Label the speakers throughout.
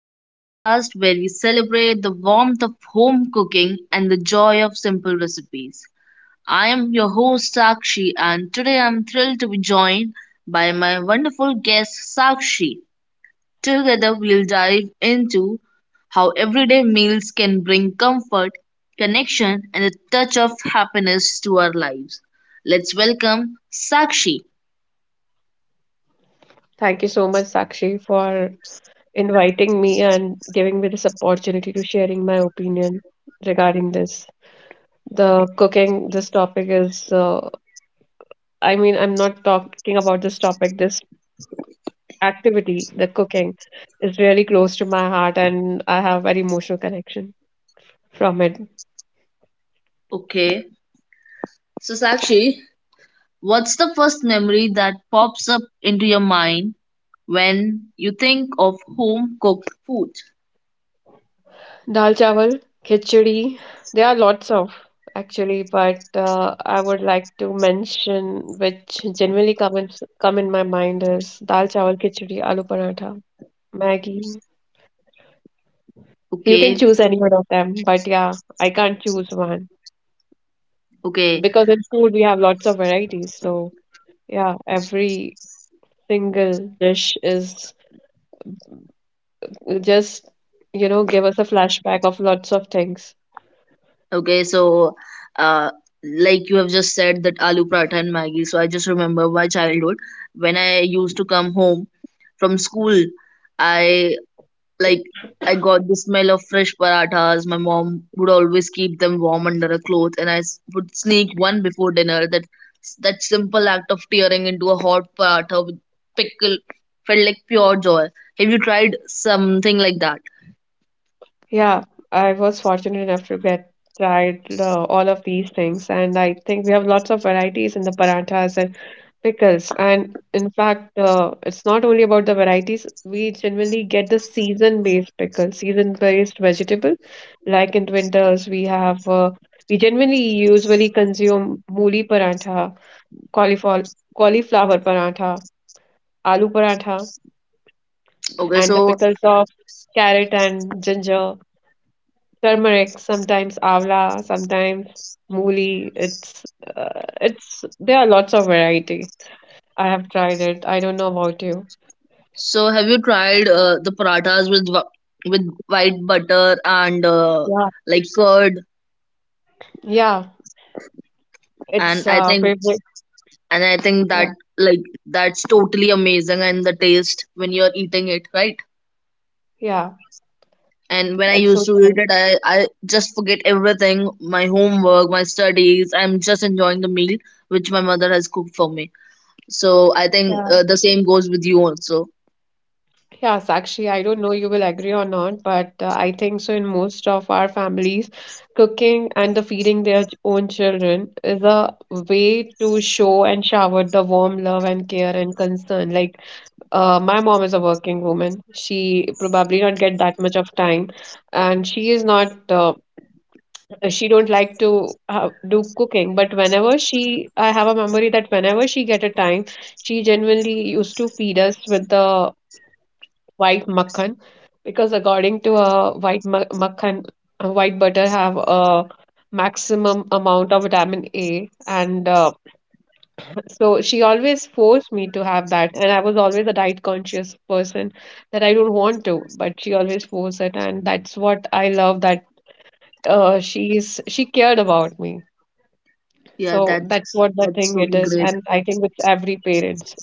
Speaker 1: the podcast where we celebrate the warmth of home cooking and the joy of simple recipes. I am your host Sakshi, and today I'm thrilled to be joined by my wonderful guest Sakshi. Together, we'll dive into how everyday meals can bring comfort, connection, and a touch of happiness to our lives. Let's welcome Sakshi.
Speaker 2: Thank you so much, Sakshi, for inviting me and giving me this opportunity to sharing my opinion regarding this. The cooking, this topic is, I mean, I'm not talking about this topic. This activity, the cooking, is really close to my heart, and I have an emotional connection from it.
Speaker 1: Okay, so Sakshi, what's the first memory that pops up into your mind when you think of home cooked food?
Speaker 2: Dal chawal, khichdi. There are lots of actually, but I would like to mention which generally come in, come in my mind is dal chawal, khichdi, aloo paratha, Maggie. You can
Speaker 1: Okay,
Speaker 2: choose any one of them, but yeah, I can't choose one
Speaker 1: okay,
Speaker 2: because in food we have lots of varieties. So yeah, every single dish is just give us a flashback of lots of things.
Speaker 1: okay. So, uh, like you have just said that aloo paratha and Maggi. So I just remember my childhood when I used to come home from school. I Like I got the smell of fresh parathas. My mom would always keep them warm under a cloth, and I would sneak one before dinner. That simple act of tearing into a hot paratha with pickle felt like pure joy. Have you tried something like that?
Speaker 2: Yeah, I was fortunate enough to get tried all of these things, and I think we have lots of varieties in the paranthas and pickles. And in fact, it's not only about the varieties, we generally get the season-based pickle, season-based vegetable. Like in winters, we generally usually consume mooli parantha, cauliflower cauliflower parantha, aloo parantha,
Speaker 1: Okay,
Speaker 2: and the
Speaker 1: so
Speaker 2: pickles of carrot and ginger turmeric, sometimes avla, sometimes mooli. It's There are lots of variety. I have tried it. I don't know about you.
Speaker 1: so have you tried the parathas with with white butter and
Speaker 2: Yeah,
Speaker 1: like curd?
Speaker 2: yeah, it's
Speaker 1: And I think
Speaker 2: favorite.
Speaker 1: and I think
Speaker 2: Yeah,
Speaker 1: that like that's totally amazing and the taste when you're eating it, right?
Speaker 2: yeah,
Speaker 1: And when I
Speaker 2: that's
Speaker 1: used
Speaker 2: so
Speaker 1: to eat
Speaker 2: true.
Speaker 1: it, I just forget everything, my homework, my studies. I'm just enjoying the meal which my mother has cooked for me. So I think
Speaker 2: Yeah,
Speaker 1: the same goes with you also.
Speaker 2: yeah, Sakshi, I don't know you will agree or not, but I think so. In most of our families, cooking and the feeding their own children is a way to show and shower the warm love and care and concern. Like my mom is a working woman. She probably not get that much of time, and she is not. She don't like to do cooking. But whenever she, I have a memory that whenever she get a time, she genuinely used to feed us with the white makhan, because according to a white makhan, white butter have a maximum amount of vitamin A, and so she always forced me to have that, and I was always a diet conscious person that I don't want to, but she always forced it, and that's what I love that she cared about me.
Speaker 1: Yeah,
Speaker 2: So that's what the
Speaker 1: that's
Speaker 2: thing it
Speaker 1: totally
Speaker 2: is,
Speaker 1: great.
Speaker 2: and I think with every parent,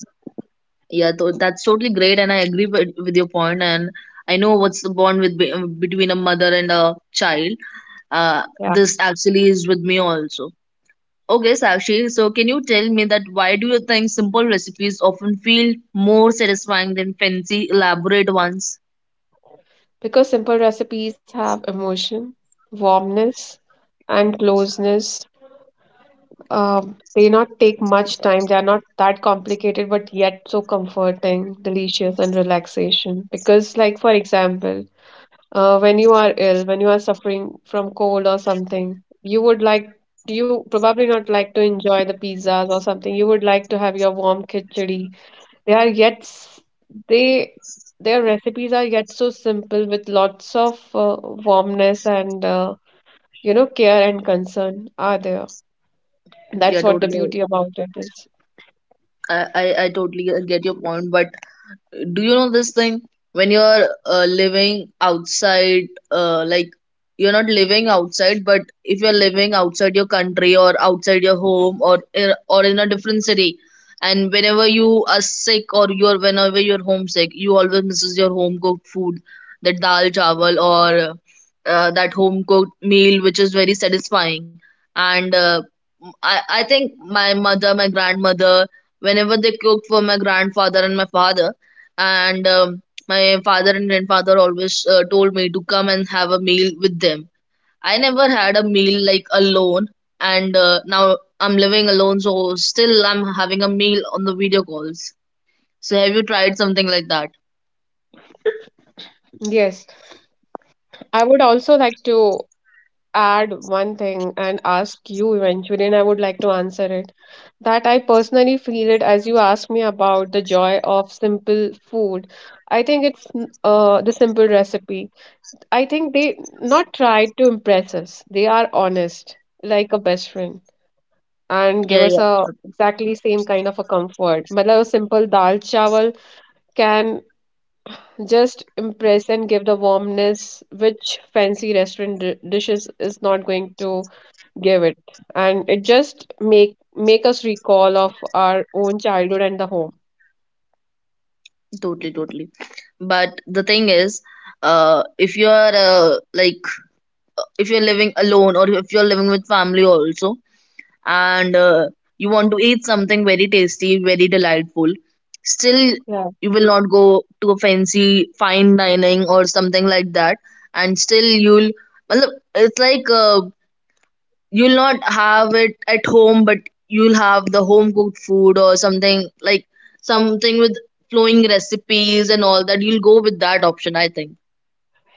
Speaker 1: Yeah, that's totally great, and I agree with your point. And I know what's the bond between a mother and a child.
Speaker 2: yeah,
Speaker 1: This actually is with me also. Okay, Sakshi, so can you tell me that why do you think simple recipes often feel more satisfying than fancy, elaborate ones?
Speaker 2: because simple recipes have emotion, warmness, and closeness. They not take much time. They are not that complicated, but yet so comforting, delicious, and relaxation. Because, like for example when you are ill, when you are suffering from cold or something, you probably not like to enjoy the pizzas or something. You would like to have your warm khichdi. They are yet s- they their recipes are yet so simple with lots of warmness and care and concern are there. That's
Speaker 1: Yeah,
Speaker 2: what the
Speaker 1: totally.
Speaker 2: beauty about it is.
Speaker 1: I totally get your point, but do you know this thing when you're living outside like you're not living outside, but if you're living outside your country or outside your home or in a different city, and whenever you are sick or you're whenever you're homesick, you always misses your home cooked food, that dal chawal or that home cooked meal which is very satisfying. And I think my mother, my grandmother, whenever they cooked for my grandfather and my father, and my father and grandfather always told me to come and have a meal with them. I never had a meal like alone. And now I'm living alone, so still I'm having a meal on the video calls. So have you tried something like that?
Speaker 2: Yes, I would also like to add one thing and ask you eventually, and I would like to answer it that I personally feel it as you asked me about the joy of simple food. I think it's the simple recipe. I think they not try to impress us. They are honest, like a best friend, and give
Speaker 1: Yeah,
Speaker 2: us
Speaker 1: yeah.
Speaker 2: a exactly same kind of a comfort. But a simple dal chawal can just impress and give the warmness which fancy restaurant dishes is not going to give it, and it just make us recall of our own childhood and the home.
Speaker 1: Totally, totally. But the thing is, if you're like if you're living alone or if you're living with family also, and you want to eat something very tasty, very delightful, still
Speaker 2: Yeah,
Speaker 1: you will not go to a fancy fine dining or something like that, and still you'll, matlab, it's like you'll not have it at home, but you'll have the home cooked food or something like something with flowing recipes and all that. You'll go with that option, I think.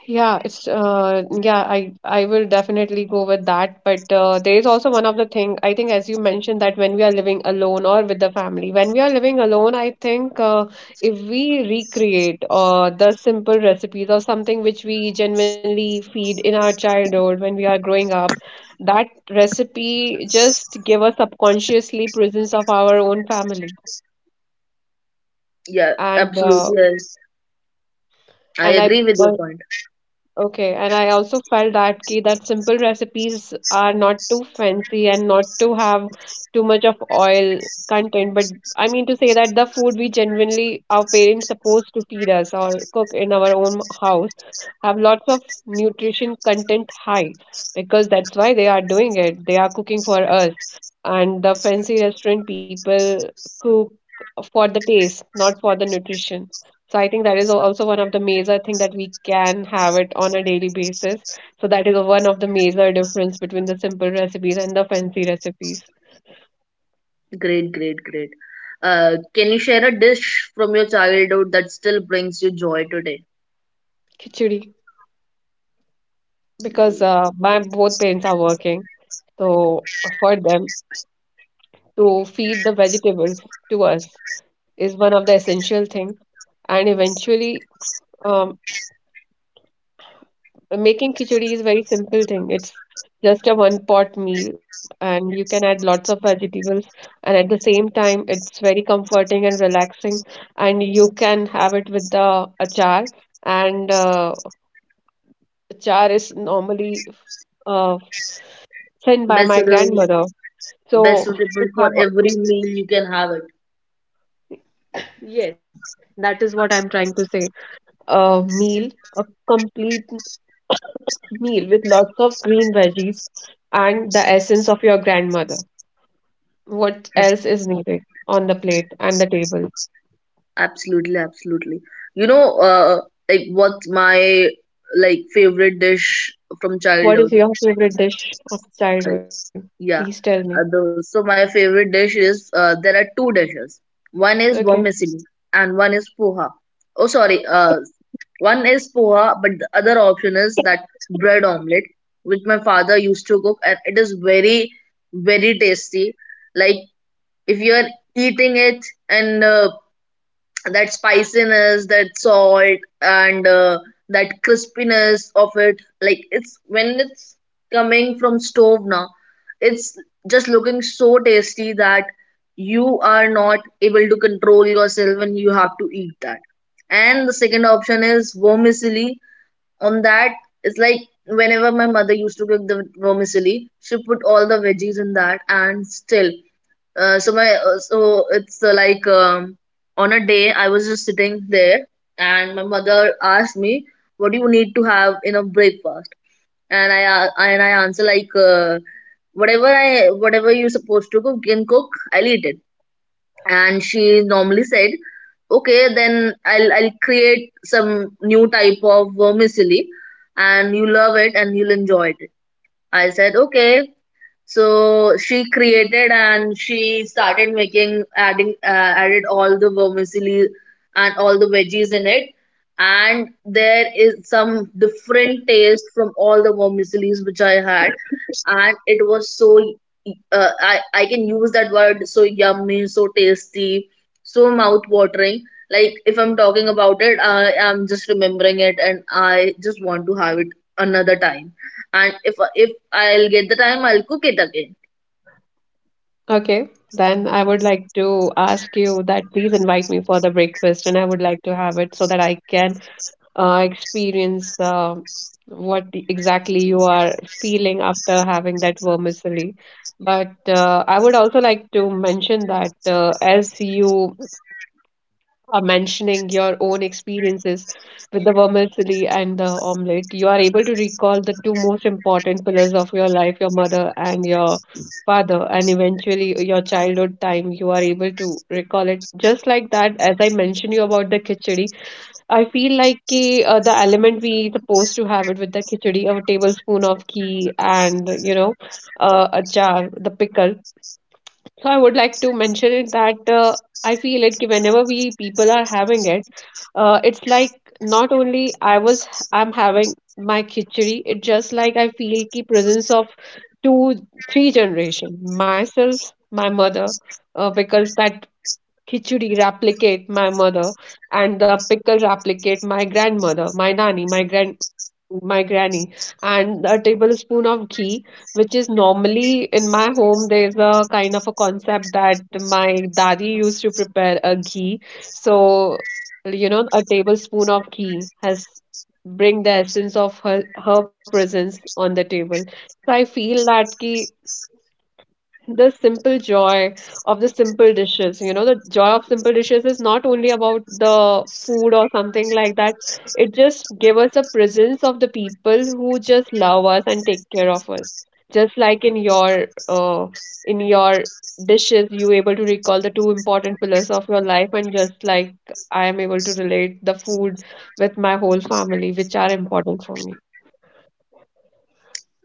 Speaker 2: yeah, it's yeah, I will definitely go with that, but there is also one of the thing I think as you mentioned that when we are living alone or with the family, when we are living alone I think if we recreate the simple recipes or something which we genuinely feed in our childhood when we are growing up, that recipe just give us subconsciously presence of our own family,
Speaker 1: Yeah,
Speaker 2: and
Speaker 1: absolutely.
Speaker 2: uh,
Speaker 1: Yes. I
Speaker 2: and I
Speaker 1: agree with your point.
Speaker 2: okay, and I also felt that key that simple recipes are not too fancy and not to have too much of oil content. But I mean to say that the food we genuinely our parents supposed to feed us or cook in our own house have lots of nutrition content high, because that's why they are doing it. They are cooking for us, and the fancy restaurant people cook for the taste, not for the nutrition. So I think that is also one of the major thing that we can have it on a daily basis. So that is one of the major difference between the simple recipes and the fancy recipes.
Speaker 1: Great, great, great. Can you share a dish from your childhood that still brings you joy today?
Speaker 2: Khichdi, because my both parents are working, so for them to feed the vegetables to us is one of the essential thing. And eventually, um, making khichdi is very simple thing. It's just a one pot meal and you can add lots of vegetables, and at the same time it's very comforting and relaxing, and you can have it with the achar, and achar is normally uh, sent by
Speaker 1: Best
Speaker 2: my
Speaker 1: suitable,
Speaker 2: grandmother.
Speaker 1: best
Speaker 2: So you
Speaker 1: suitable for
Speaker 2: have a,
Speaker 1: every meal you can have it.
Speaker 2: yes, that is what I'm trying to say. A meal, a complete meal with lots of green veggies and the essence of your grandmother. What else is needed on the plate and the table?
Speaker 1: Absolutely, absolutely. You know, like what's my like favorite dish from
Speaker 2: What is
Speaker 1: childhood?
Speaker 2: your favorite dish of
Speaker 1: Like,
Speaker 2: childhood? Please tell
Speaker 1: yeah.
Speaker 2: me.
Speaker 1: The, so my favorite dish is there are two dishes. One is
Speaker 2: Okay.
Speaker 1: vermicelli and one is poha. Oh, sorry. One is poha, but the other option is that bread omelette, which my father used to cook, and it is very, very tasty. Like if you are eating it, and that spiciness, that salt, and that crispiness of it, like it's when it's coming from stove now, it's just looking so tasty that you are not able to control yourself when you have to eat that. And the second option is vermicelli. On that it's like whenever my mother used to cook the vermicelli, she put all the veggies in that. And still so my so it's like on a day I was just sitting there and my mother asked me, what do you need to have in a breakfast? And I answer like, whatever I whatever you supposed to cook can cook, I'll eat it. And she normally said, okay, then I'll create some new type of vermicelli and you love it and you'll enjoy it. I said okay. So she created and she started making, adding added all the vermicelli and all the veggies in it, and there is some different taste from all the vermicellis which I had, and it was so I can use that word, so yummy, so tasty, so mouth watering. Like if I'm talking about it, I am just remembering it, and I just want to have it another time. And if I'll get the time, I'll cook it again.
Speaker 2: Okay. Then I would like to ask you that please invite me for the breakfast, and I would like to have it so that I can experience what exactly you are feeling after having that vermicelli. But I would also like to mention that as you are mentioning your own experiences with the vermicelli and the omelette, you are able to recall the two most important pillars of your life, your mother and your father, and eventually your childhood time. You are able to recall it just like that. As I mentioned you about the khichdi, I feel like ki, the element we supposed to have it with the khichdi, a tablespoon of ghee, and a jar, the pickle, so I would like to mention it that I feel it ki whenever we people are having it, it's like not only I'm having my khichdi, it just like I feel the presence of two three generation myself, my mother, because that khichdi replicate my mother and the pickle replicate my grandmother, my nani, my granny, and a tablespoon of ghee which is normally in my home, there's a kind of a concept that my daddy used to prepare a ghee, so a tablespoon of ghee has bring the essence of her presence on the table, so I feel that ki the simple joy of the simple dishes. The joy of simple dishes is not only about the food or something like that. It just gives us a presence of the people who just love us and take care of us. Just like in your dishes, you able to recall the two important pillars of your life, and just like I am able to relate the food with my whole family, which are important for me.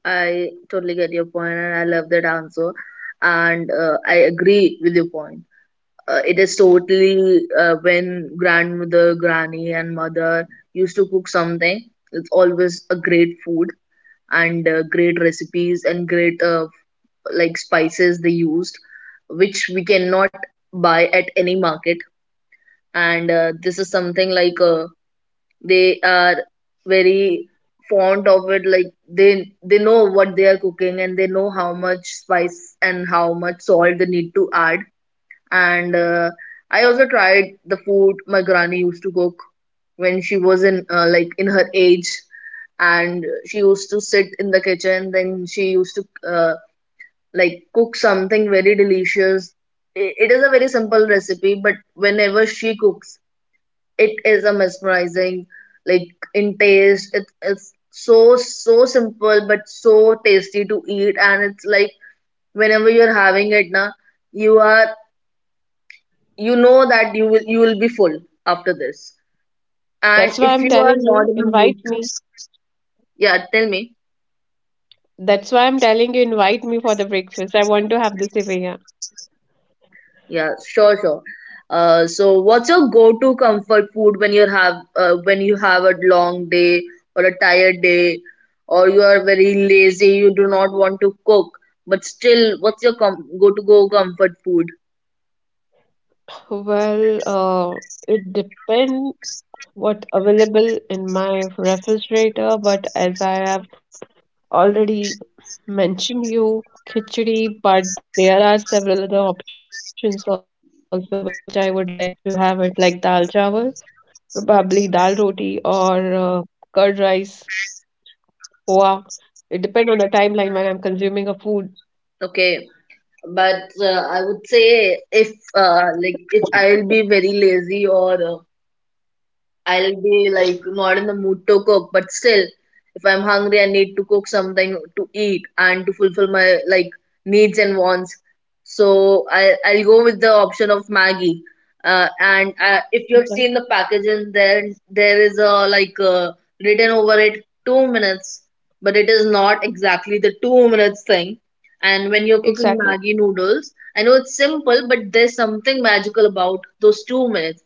Speaker 1: I totally get your point, and I love that answer. And I agree with your point. It is totally when grandmother, granny, and mother used to cook something, it's always a great food and great recipes and great like spices they used, which we cannot buy at any market. And this is something like, a they are very fond of it, like they know what they are cooking and they know how much spice and how much salt they need to add. And I also tried the food my granny used to cook when she was in like in her age, and she used to sit in the kitchen. Then she used to like cook something very delicious. It is a very simple recipe, but whenever she cooks, it is a mesmerizing, like in taste, it, it's so so simple but so tasty to eat. And it's like whenever you're having it na, you are, you know, that you will, you will be full after this. And
Speaker 2: That's why
Speaker 1: if
Speaker 2: I'm
Speaker 1: you are
Speaker 2: telling
Speaker 1: not
Speaker 2: you,
Speaker 1: in the mood,
Speaker 2: invite me.
Speaker 1: yeah, tell me.
Speaker 2: That's why I'm telling you, invite me for the breakfast. I want to have the sevaya.
Speaker 1: Yeah, sure, sure. So what's your go-to comfort food when you have a long day or a tired day, or you are very lazy, you do not want to cook, but still, what's your go-to-go comfort food?
Speaker 2: Well, it depends what available in my refrigerator, but as I have already mentioned you, khichdi, but there are several other options also which I would like to have it like dal chawal, probably dal roti or curd rice, poha. It depends on the timeline when I'm consuming a food.
Speaker 1: Okay, but I would say if like if I'll be very lazy or I'll be like not in the mood to cook, but still, if I'm hungry, I need to cook something to eat and to fulfill my like needs and wants. So I'll go with the option of Maggie. And
Speaker 2: Okay.
Speaker 1: if you have seen the packaging, there is a like written over it 2 minutes, but it is not exactly the 2 minutes thing. And when you're
Speaker 2: Exactly.
Speaker 1: cooking Maggie noodles, I know it's simple, but there's something magical about those 2 minutes.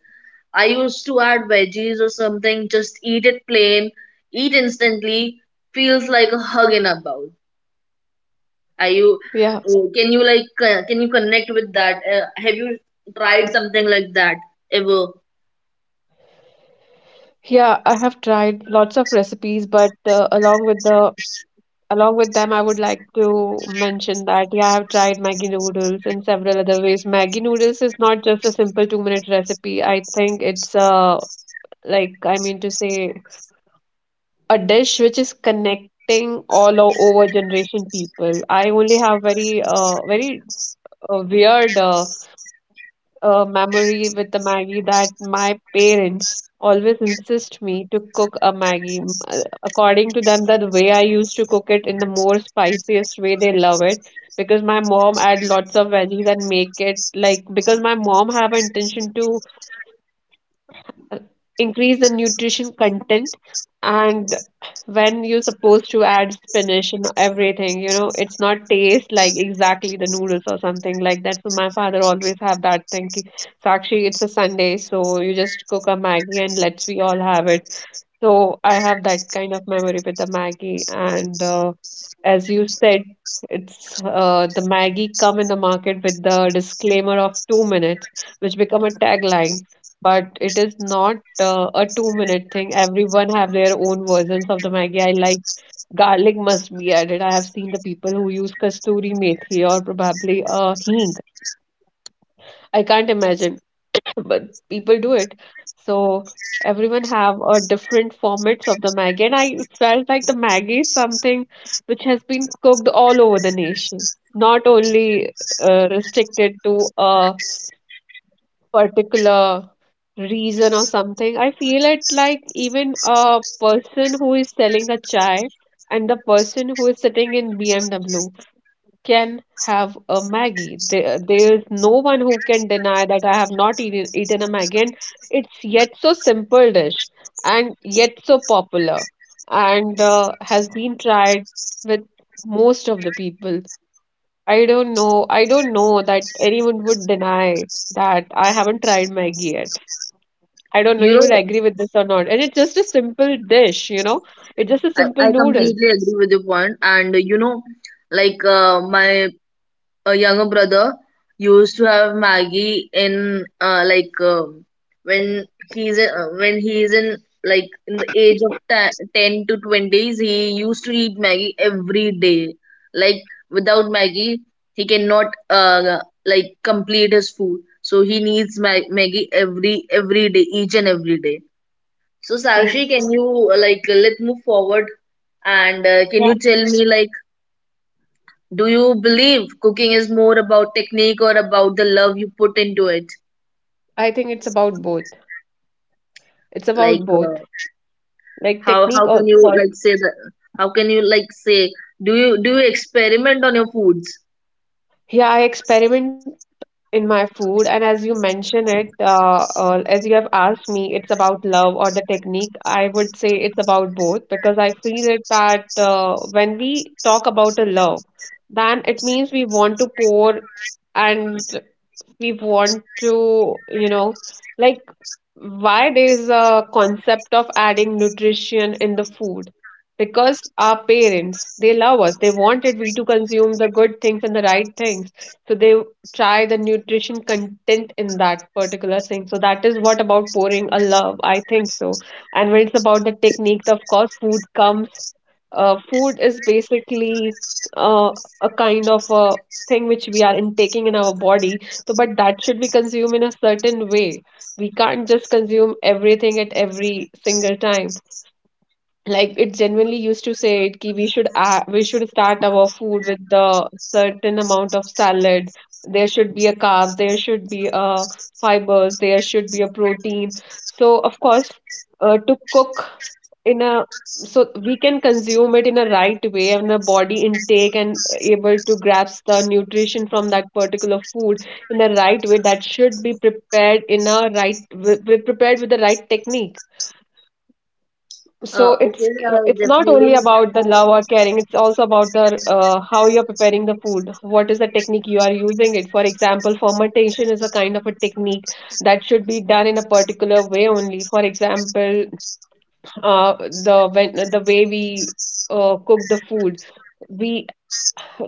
Speaker 1: I used to add veggies or something, just eat it plain, eat instantly, feels like a hug in a bowl. Are you,
Speaker 2: Yeah.
Speaker 1: can you like, can you connect with that? Have you tried something like that ever?
Speaker 2: Yeah, I have tried lots of recipes, but along with them, I would like to mention that yeah, I have tried Maggi noodles in several other ways. Maggi noodles is not just a simple 2-minute recipe. I think it's like I mean to say a dish which is connecting all over generation people. I only have very weird a memory with the Maggie that my parents always insist me to cook a Maggie. According to them, that the way I used to cook it in the more spiciest way, they love it because my mom add lots of veggies and make it like because my mom have an intention to uh, increase the nutrition content, and when you supposed to add spinach and everything, it's not taste like exactly the noodles or something like that, so my father always have that thing ki, so actually it's a Sunday so you just cook a maggie and let's we all have it, so I have that kind of memory with the Maggie. And As you said, it's the Maggie come in the market with the disclaimer of 2 minutes, which become a tagline. But it is not a 2 minute thing. Everyone have their own versions of the Maggie. I like garlic must be added. I have seen the people who use kasturi methi or probably hing. I can't imagine, but people do it. So everyone have a different formats of the Maggi, and I felt like the Maggi is something which has been cooked all over the nation, not only restricted to a particular reason or something. I feel it like even a person who is selling a chai and the person who is sitting in BMW can have a Maggie. There's no one who can deny that I have not eaten a Maggie. And it's yet so simple dish and yet so popular and has been tried with most of the people. I don't know. I don't know that anyone would deny that I haven't tried Maggie yet. I don't know
Speaker 1: You
Speaker 2: you
Speaker 1: know,
Speaker 2: will agree with this or not. And it's just a simple dish. It's just a simple
Speaker 1: I
Speaker 2: noodles.
Speaker 1: completely agree with your point, and you know, like my a younger brother used to have Maggie in like when when he's in like in the age of 10 to 20s. He used to eat Maggie every day. Like without Maggie, he cannot like complete his food. So he needs Maggie every day, each and every day. So Sakshi,
Speaker 2: See,
Speaker 1: can you like let's move forward. And can
Speaker 2: yeah,
Speaker 1: you tell me like, do you believe cooking is more about technique or about the love you put into it?
Speaker 2: I think it's about both. It's about
Speaker 1: Like
Speaker 2: both. Like technique
Speaker 1: how can
Speaker 2: of
Speaker 1: you
Speaker 2: for,
Speaker 1: like say that? How can you like say, do you experiment on your foods?
Speaker 2: yeah, I experiment in my food, and as you mention it, as you have asked me, it's about love or the technique. I would say it's about both because I feel it that when we talk about a love, then it means we want to pour and we want to, you know, like, why there's a concept of adding nutrition in the food? Because our parents, they love us. They wanted we to consume the good things and the right things. So they try the nutrition content in that particular thing. So that is what about pouring a love. I think so. And when it's about the technique, of course, food comes, food is basically uh, a kind of a thing which we are intaking in our body, so but that should be consumed in a certain way. We can't just consume everything at every single time, like it genuinely used to say it ki we should start our food with the certain amount of salad. There should be a carbs, there should be a fibers, there should be a protein. So of course to cook in a, so we can consume it in a right way and the body intake and able to grasp the nutrition from that particular food in the right way, that should be prepared in a right prepared with the right technique. So it's
Speaker 1: Okay,
Speaker 2: it's not only
Speaker 1: definitely.
Speaker 2: about the love or caring, it's also about the how you're preparing the food, what is the technique you are using it. For example, fermentation is a kind of a technique that should be done in a particular way only. For example, the when the way we cook the food, we,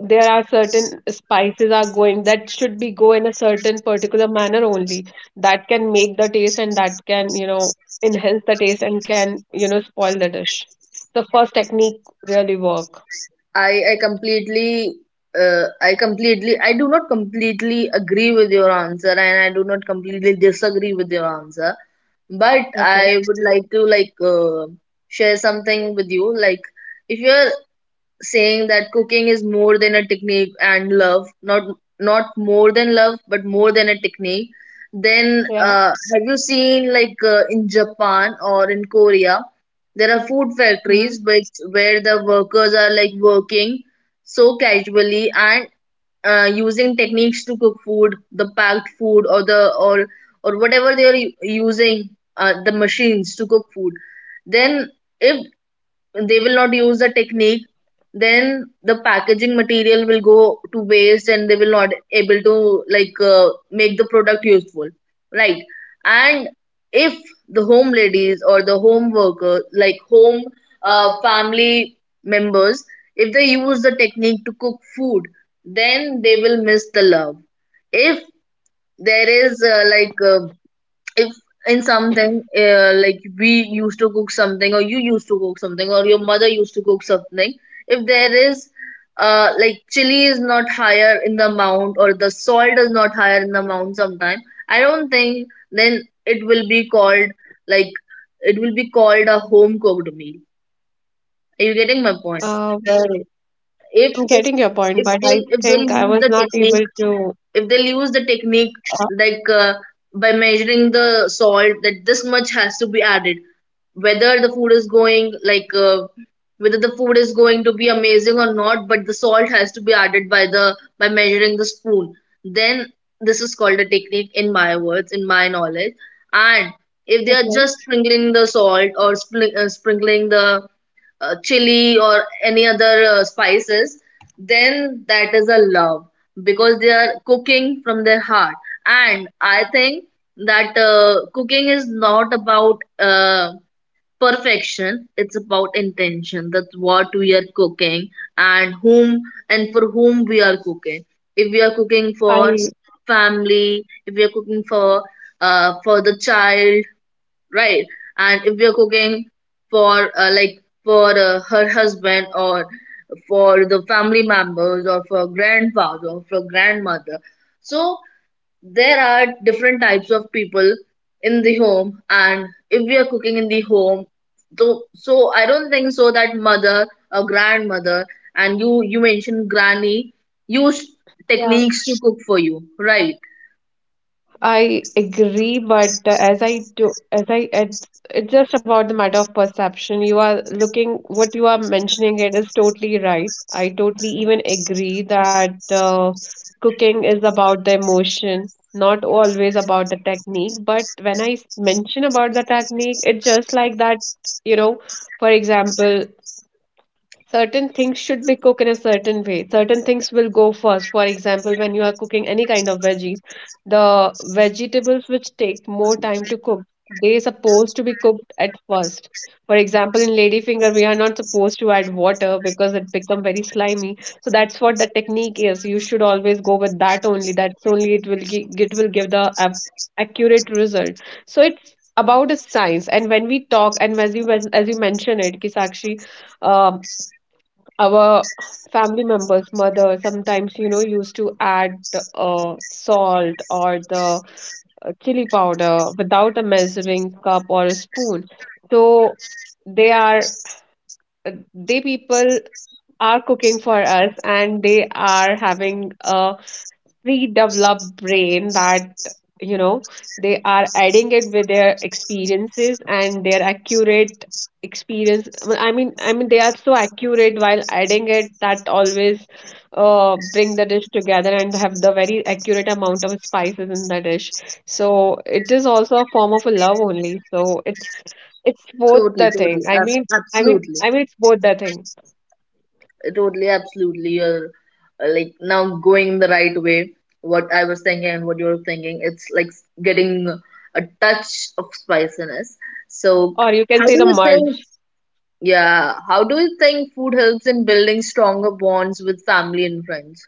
Speaker 2: there are certain spices are going that should be go in a certain particular manner only. That can make the taste and that can, you know, enhance the taste and can, you know, spoil the dish. The first technique really work.
Speaker 1: I completely I completely, I do not completely agree with your answer, and I do not completely disagree with your answer. But
Speaker 2: Okay.
Speaker 1: I would like to like share something with you. Like if you're saying that cooking is more than a technique and love, not not more than love but more than a technique, then
Speaker 2: Yeah.
Speaker 1: have you seen like in Japan or in Korea there are food
Speaker 2: Mm-hmm.
Speaker 1: factories which where the workers are like working so casually and using techniques to cook food, the packed food or the or whatever they are using the machines to cook food. Then if they will not use the technique, then the packaging material will go to waste and they will not able to like make the product useful, right? And if the home ladies or the home worker, like home family members, if they use the technique to cook food, then they will miss the love. If there is like if in something like we used to cook something or you used to cook something or your mother used to cook something, if there is like chili is not higher in the amount or the salt is not higher in the amount sometime, I don't think then it will be called, like, it will be called a home cooked meal. Are you getting my
Speaker 2: uh
Speaker 1: point?
Speaker 2: well I'm
Speaker 1: if
Speaker 2: getting your
Speaker 1: if
Speaker 2: point, but I
Speaker 1: if they'll
Speaker 2: think
Speaker 1: if
Speaker 2: I was
Speaker 1: they'll
Speaker 2: not
Speaker 1: use the
Speaker 2: able
Speaker 1: technique,
Speaker 2: to,
Speaker 1: if they'll use the
Speaker 2: uh,
Speaker 1: technique, like by measuring the salt that this much has to be added, whether the food is going like whether the food is going to be amazing or not, but the salt has to be added by the by measuring the spoon, then this is called a technique in my words, in my knowledge. And if they
Speaker 2: okay.
Speaker 1: are just sprinkling the salt or sprinkling the chili or any other spices, then that is a love, because they are cooking from their heart. And I think that cooking is not about perfection, it's about intention. That's what we are cooking and whom, and for whom we are cooking. If we are cooking for
Speaker 2: I,
Speaker 1: family, if we are cooking for the child, right? And if we are cooking for like for her husband or for the family members or for grandfather or for grandmother, so there are different types of people in the home. And if we are cooking in the home, so I don't think so that mother or grandmother, and you mentioned granny, use
Speaker 2: yeah,
Speaker 1: techniques to cook for you, right?
Speaker 2: I agree, but as I do, as I, it's just about the matter of perception. You are looking, what you are mentioning it is totally right. I totally even agree that cooking is about the emotion, not always about the technique. But when mention about the technique, it's just like that, you know, for example, certain things should be cooked in a certain way. Certain things will go first. For example, when you are cooking any kind of veggies, the vegetables which take more time to cook, they supposed to be cooked at first. For example, in ladyfinger, we are not supposed to add water because it become very slimy. So that's what the technique is. You should always go with that only. That's only it will give the accurate result. So it's about a science. And when we talk, and as you mentioned it, Kisakshi, uh, our family members, mother, sometimes, you know, used to add salt or the chili powder without a measuring cup or a spoon. So they are, they people are cooking for us and they are having a redeveloped brain that you know they are adding it with their experiences and their accurate experience. Well, I mean they are so accurate while adding it that always bring the dish together and have the very accurate amount of spices in the dish. So it is also a form of a love only. So it's both
Speaker 1: Totally,
Speaker 2: the thing.
Speaker 1: totally,
Speaker 2: i mean i mean
Speaker 1: absolutely.
Speaker 2: i mean it's both the thing.
Speaker 1: Totally, absolutely. You're like now going the right way. What I was thinking and what you're thinking, it's like getting a touch of spiciness. So,
Speaker 2: Or you can
Speaker 1: how do
Speaker 2: say the
Speaker 1: you think?
Speaker 2: merge.
Speaker 1: Yeah, how do you think food helps in building stronger bonds with family and friends?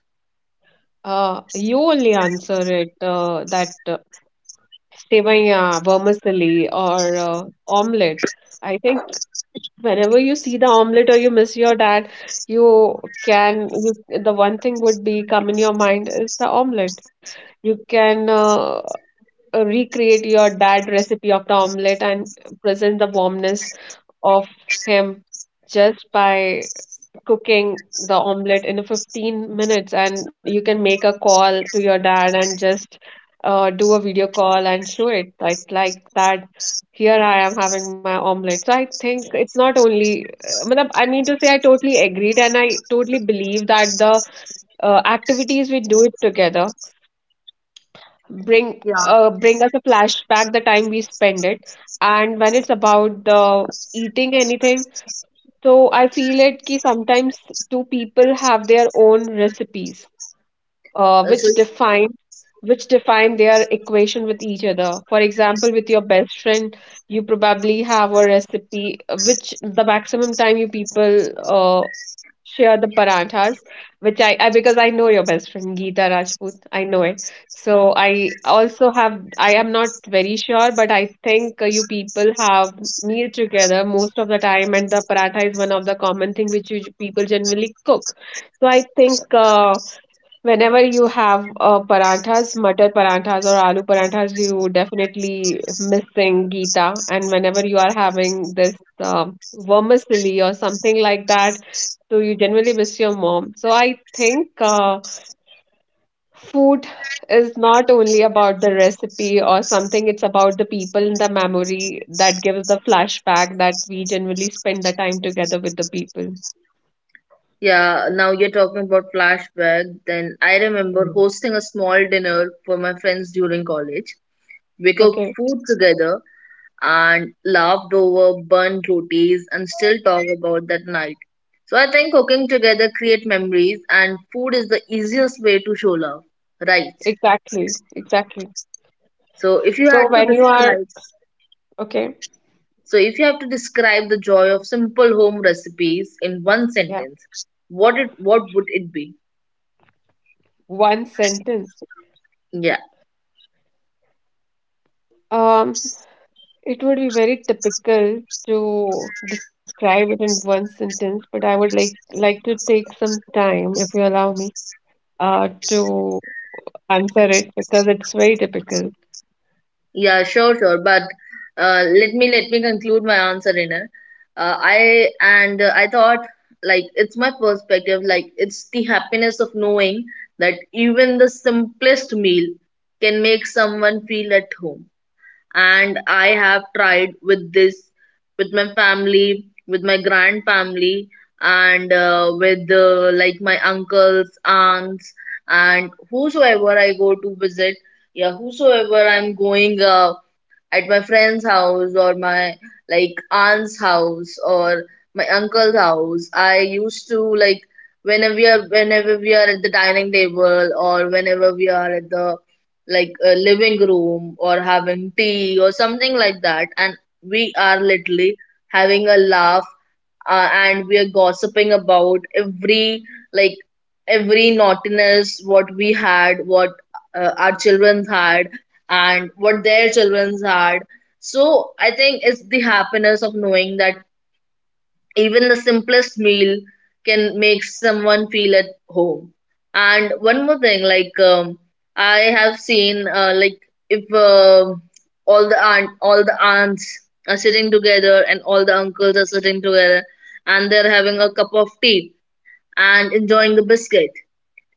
Speaker 2: You only answer it that Sevaiya, vermicelli, or omelette. I think whenever you see the omelette or you miss your dad, you can you the one thing would be come in your mind is the omelette. You can recreate your dad recipe of the omelette and present the warmness of him just by cooking the omelette in 15 minutes, and you can make a call to your dad and just do a video call and show it like that, here I am having my omelette. So I think it's not only, I mean to say, I totally agreed and I totally believe that the activities we do it together bring
Speaker 1: Yeah.
Speaker 2: uh, bring us a flashback the time we spend it. And when it's about the eating anything, so I feel it कि sometimes two people have their own recipes, uh,
Speaker 1: Uh,
Speaker 2: which
Speaker 1: so
Speaker 2: define which define their equation with each other. For example, with your best friend, you probably have a recipe which the maximum time you people share the paranthas, which I because I know your best friend Geeta Rajput, I know it. So I also have, I am not very sure, but I think you people have meal together most of the time, and the paratha is one of the common thing which you people generally cook. So I think. Whenever you have paranthas, matar paranthas or aloo paranthas, you definitely missing Gita. And whenever you are having this vermicelli or something like that, so you generally miss your mom. So I think food is not only about the recipe or something, it's about the people and the memory that gives the flashback that we generally spend the time together with the people.
Speaker 1: yeah, now you're talking about flashback. Then I remember
Speaker 2: Mm.
Speaker 1: hosting a small dinner for my friends during college. We cooked
Speaker 2: Okay,
Speaker 1: food together and laughed over burnt rotis and still talk about that night. So I think cooking together create memories and food is the easiest way to show love. Right.
Speaker 2: exactly, exactly.
Speaker 1: So if you had
Speaker 2: So
Speaker 1: to
Speaker 2: when you are,
Speaker 1: describe,
Speaker 2: okay.
Speaker 1: so if you have to describe the joy of simple home recipes in one
Speaker 2: Yeah.
Speaker 1: sentence, what it what would it be?
Speaker 2: One sentence.
Speaker 1: Yeah.
Speaker 2: Um, it would be very typical to describe it in one sentence, but I would like to take some time, if you allow me, to answer it because it's very typical.
Speaker 1: Yeah, sure, sure. But let me conclude my answer, Rener. I and I thought, like, it's my perspective. Like, it's the happiness of knowing that even the simplest meal can make someone feel at home, and I have tried with this, with my family, with my grand family, and with like my uncles, aunts, and whosoever I go to visit. Yeah, whosoever I'm going at my friend's house or my like aunt's house or my uncle's house. I used to like, whenever we are, whenever we are at the dining table or whenever we are at the like a living room or having tea or something like that, and we are literally having a laugh and we are gossiping about every like every naughtiness what we had, what our children had and what their children had. So I think it's the happiness of knowing that even the simplest meal can make someone feel at home. And one more thing, like I have seen, like if all the aunt, all the aunts are sitting together and all the uncles are sitting together, and they're having a cup of tea and enjoying the biscuit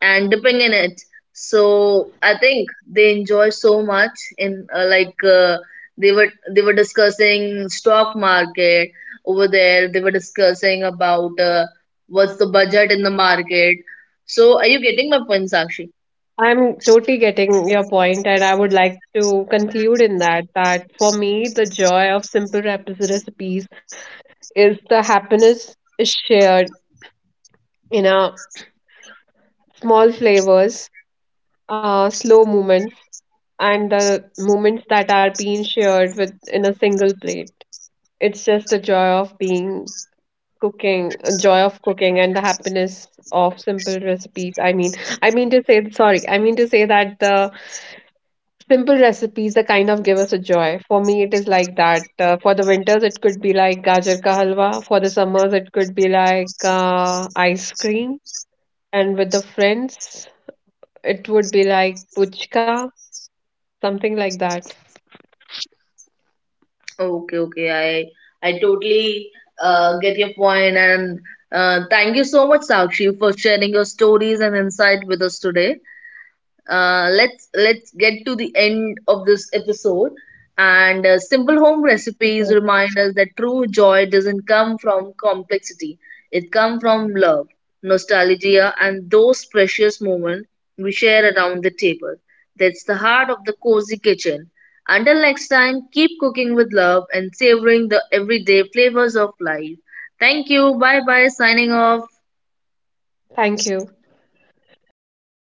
Speaker 1: and dipping in it. So I think they enjoy so much in like they were they were discussing stock market over there. They were discussing about what's the budget in the market. So are you getting my point, Sakshi?
Speaker 2: I'm totally getting your point, and I would like to conclude in that that for me, the joy of simple recipes is the happiness is shared in a small flavors, slow movements and the moments that are being shared with in a single plate. It's just a joy of being cooking, a joy of cooking, and the happiness of simple recipes. I mean to say, sorry, I mean to say that the simple recipes, the kind of give us a joy. For me, it is like that. For the winters, it could be like gajar ka halwa. For the summers, it could be like ice cream. And with the friends, it would be like puchka, something like that.
Speaker 1: Okay, okay, I totally get your point, and thank you so much, Sakshi, for sharing your stories and insight with us today. Let's get to the end of this episode, and
Speaker 2: Okay.
Speaker 1: simple home recipes remind us that true joy doesn't come from complexity. It comes from love, nostalgia, and those precious moments we share around the table. That's the heart of the cozy kitchen. Until next time, keep cooking with love and savoring the everyday flavors of life. Thank you, bye bye, signing off.
Speaker 2: Thank you.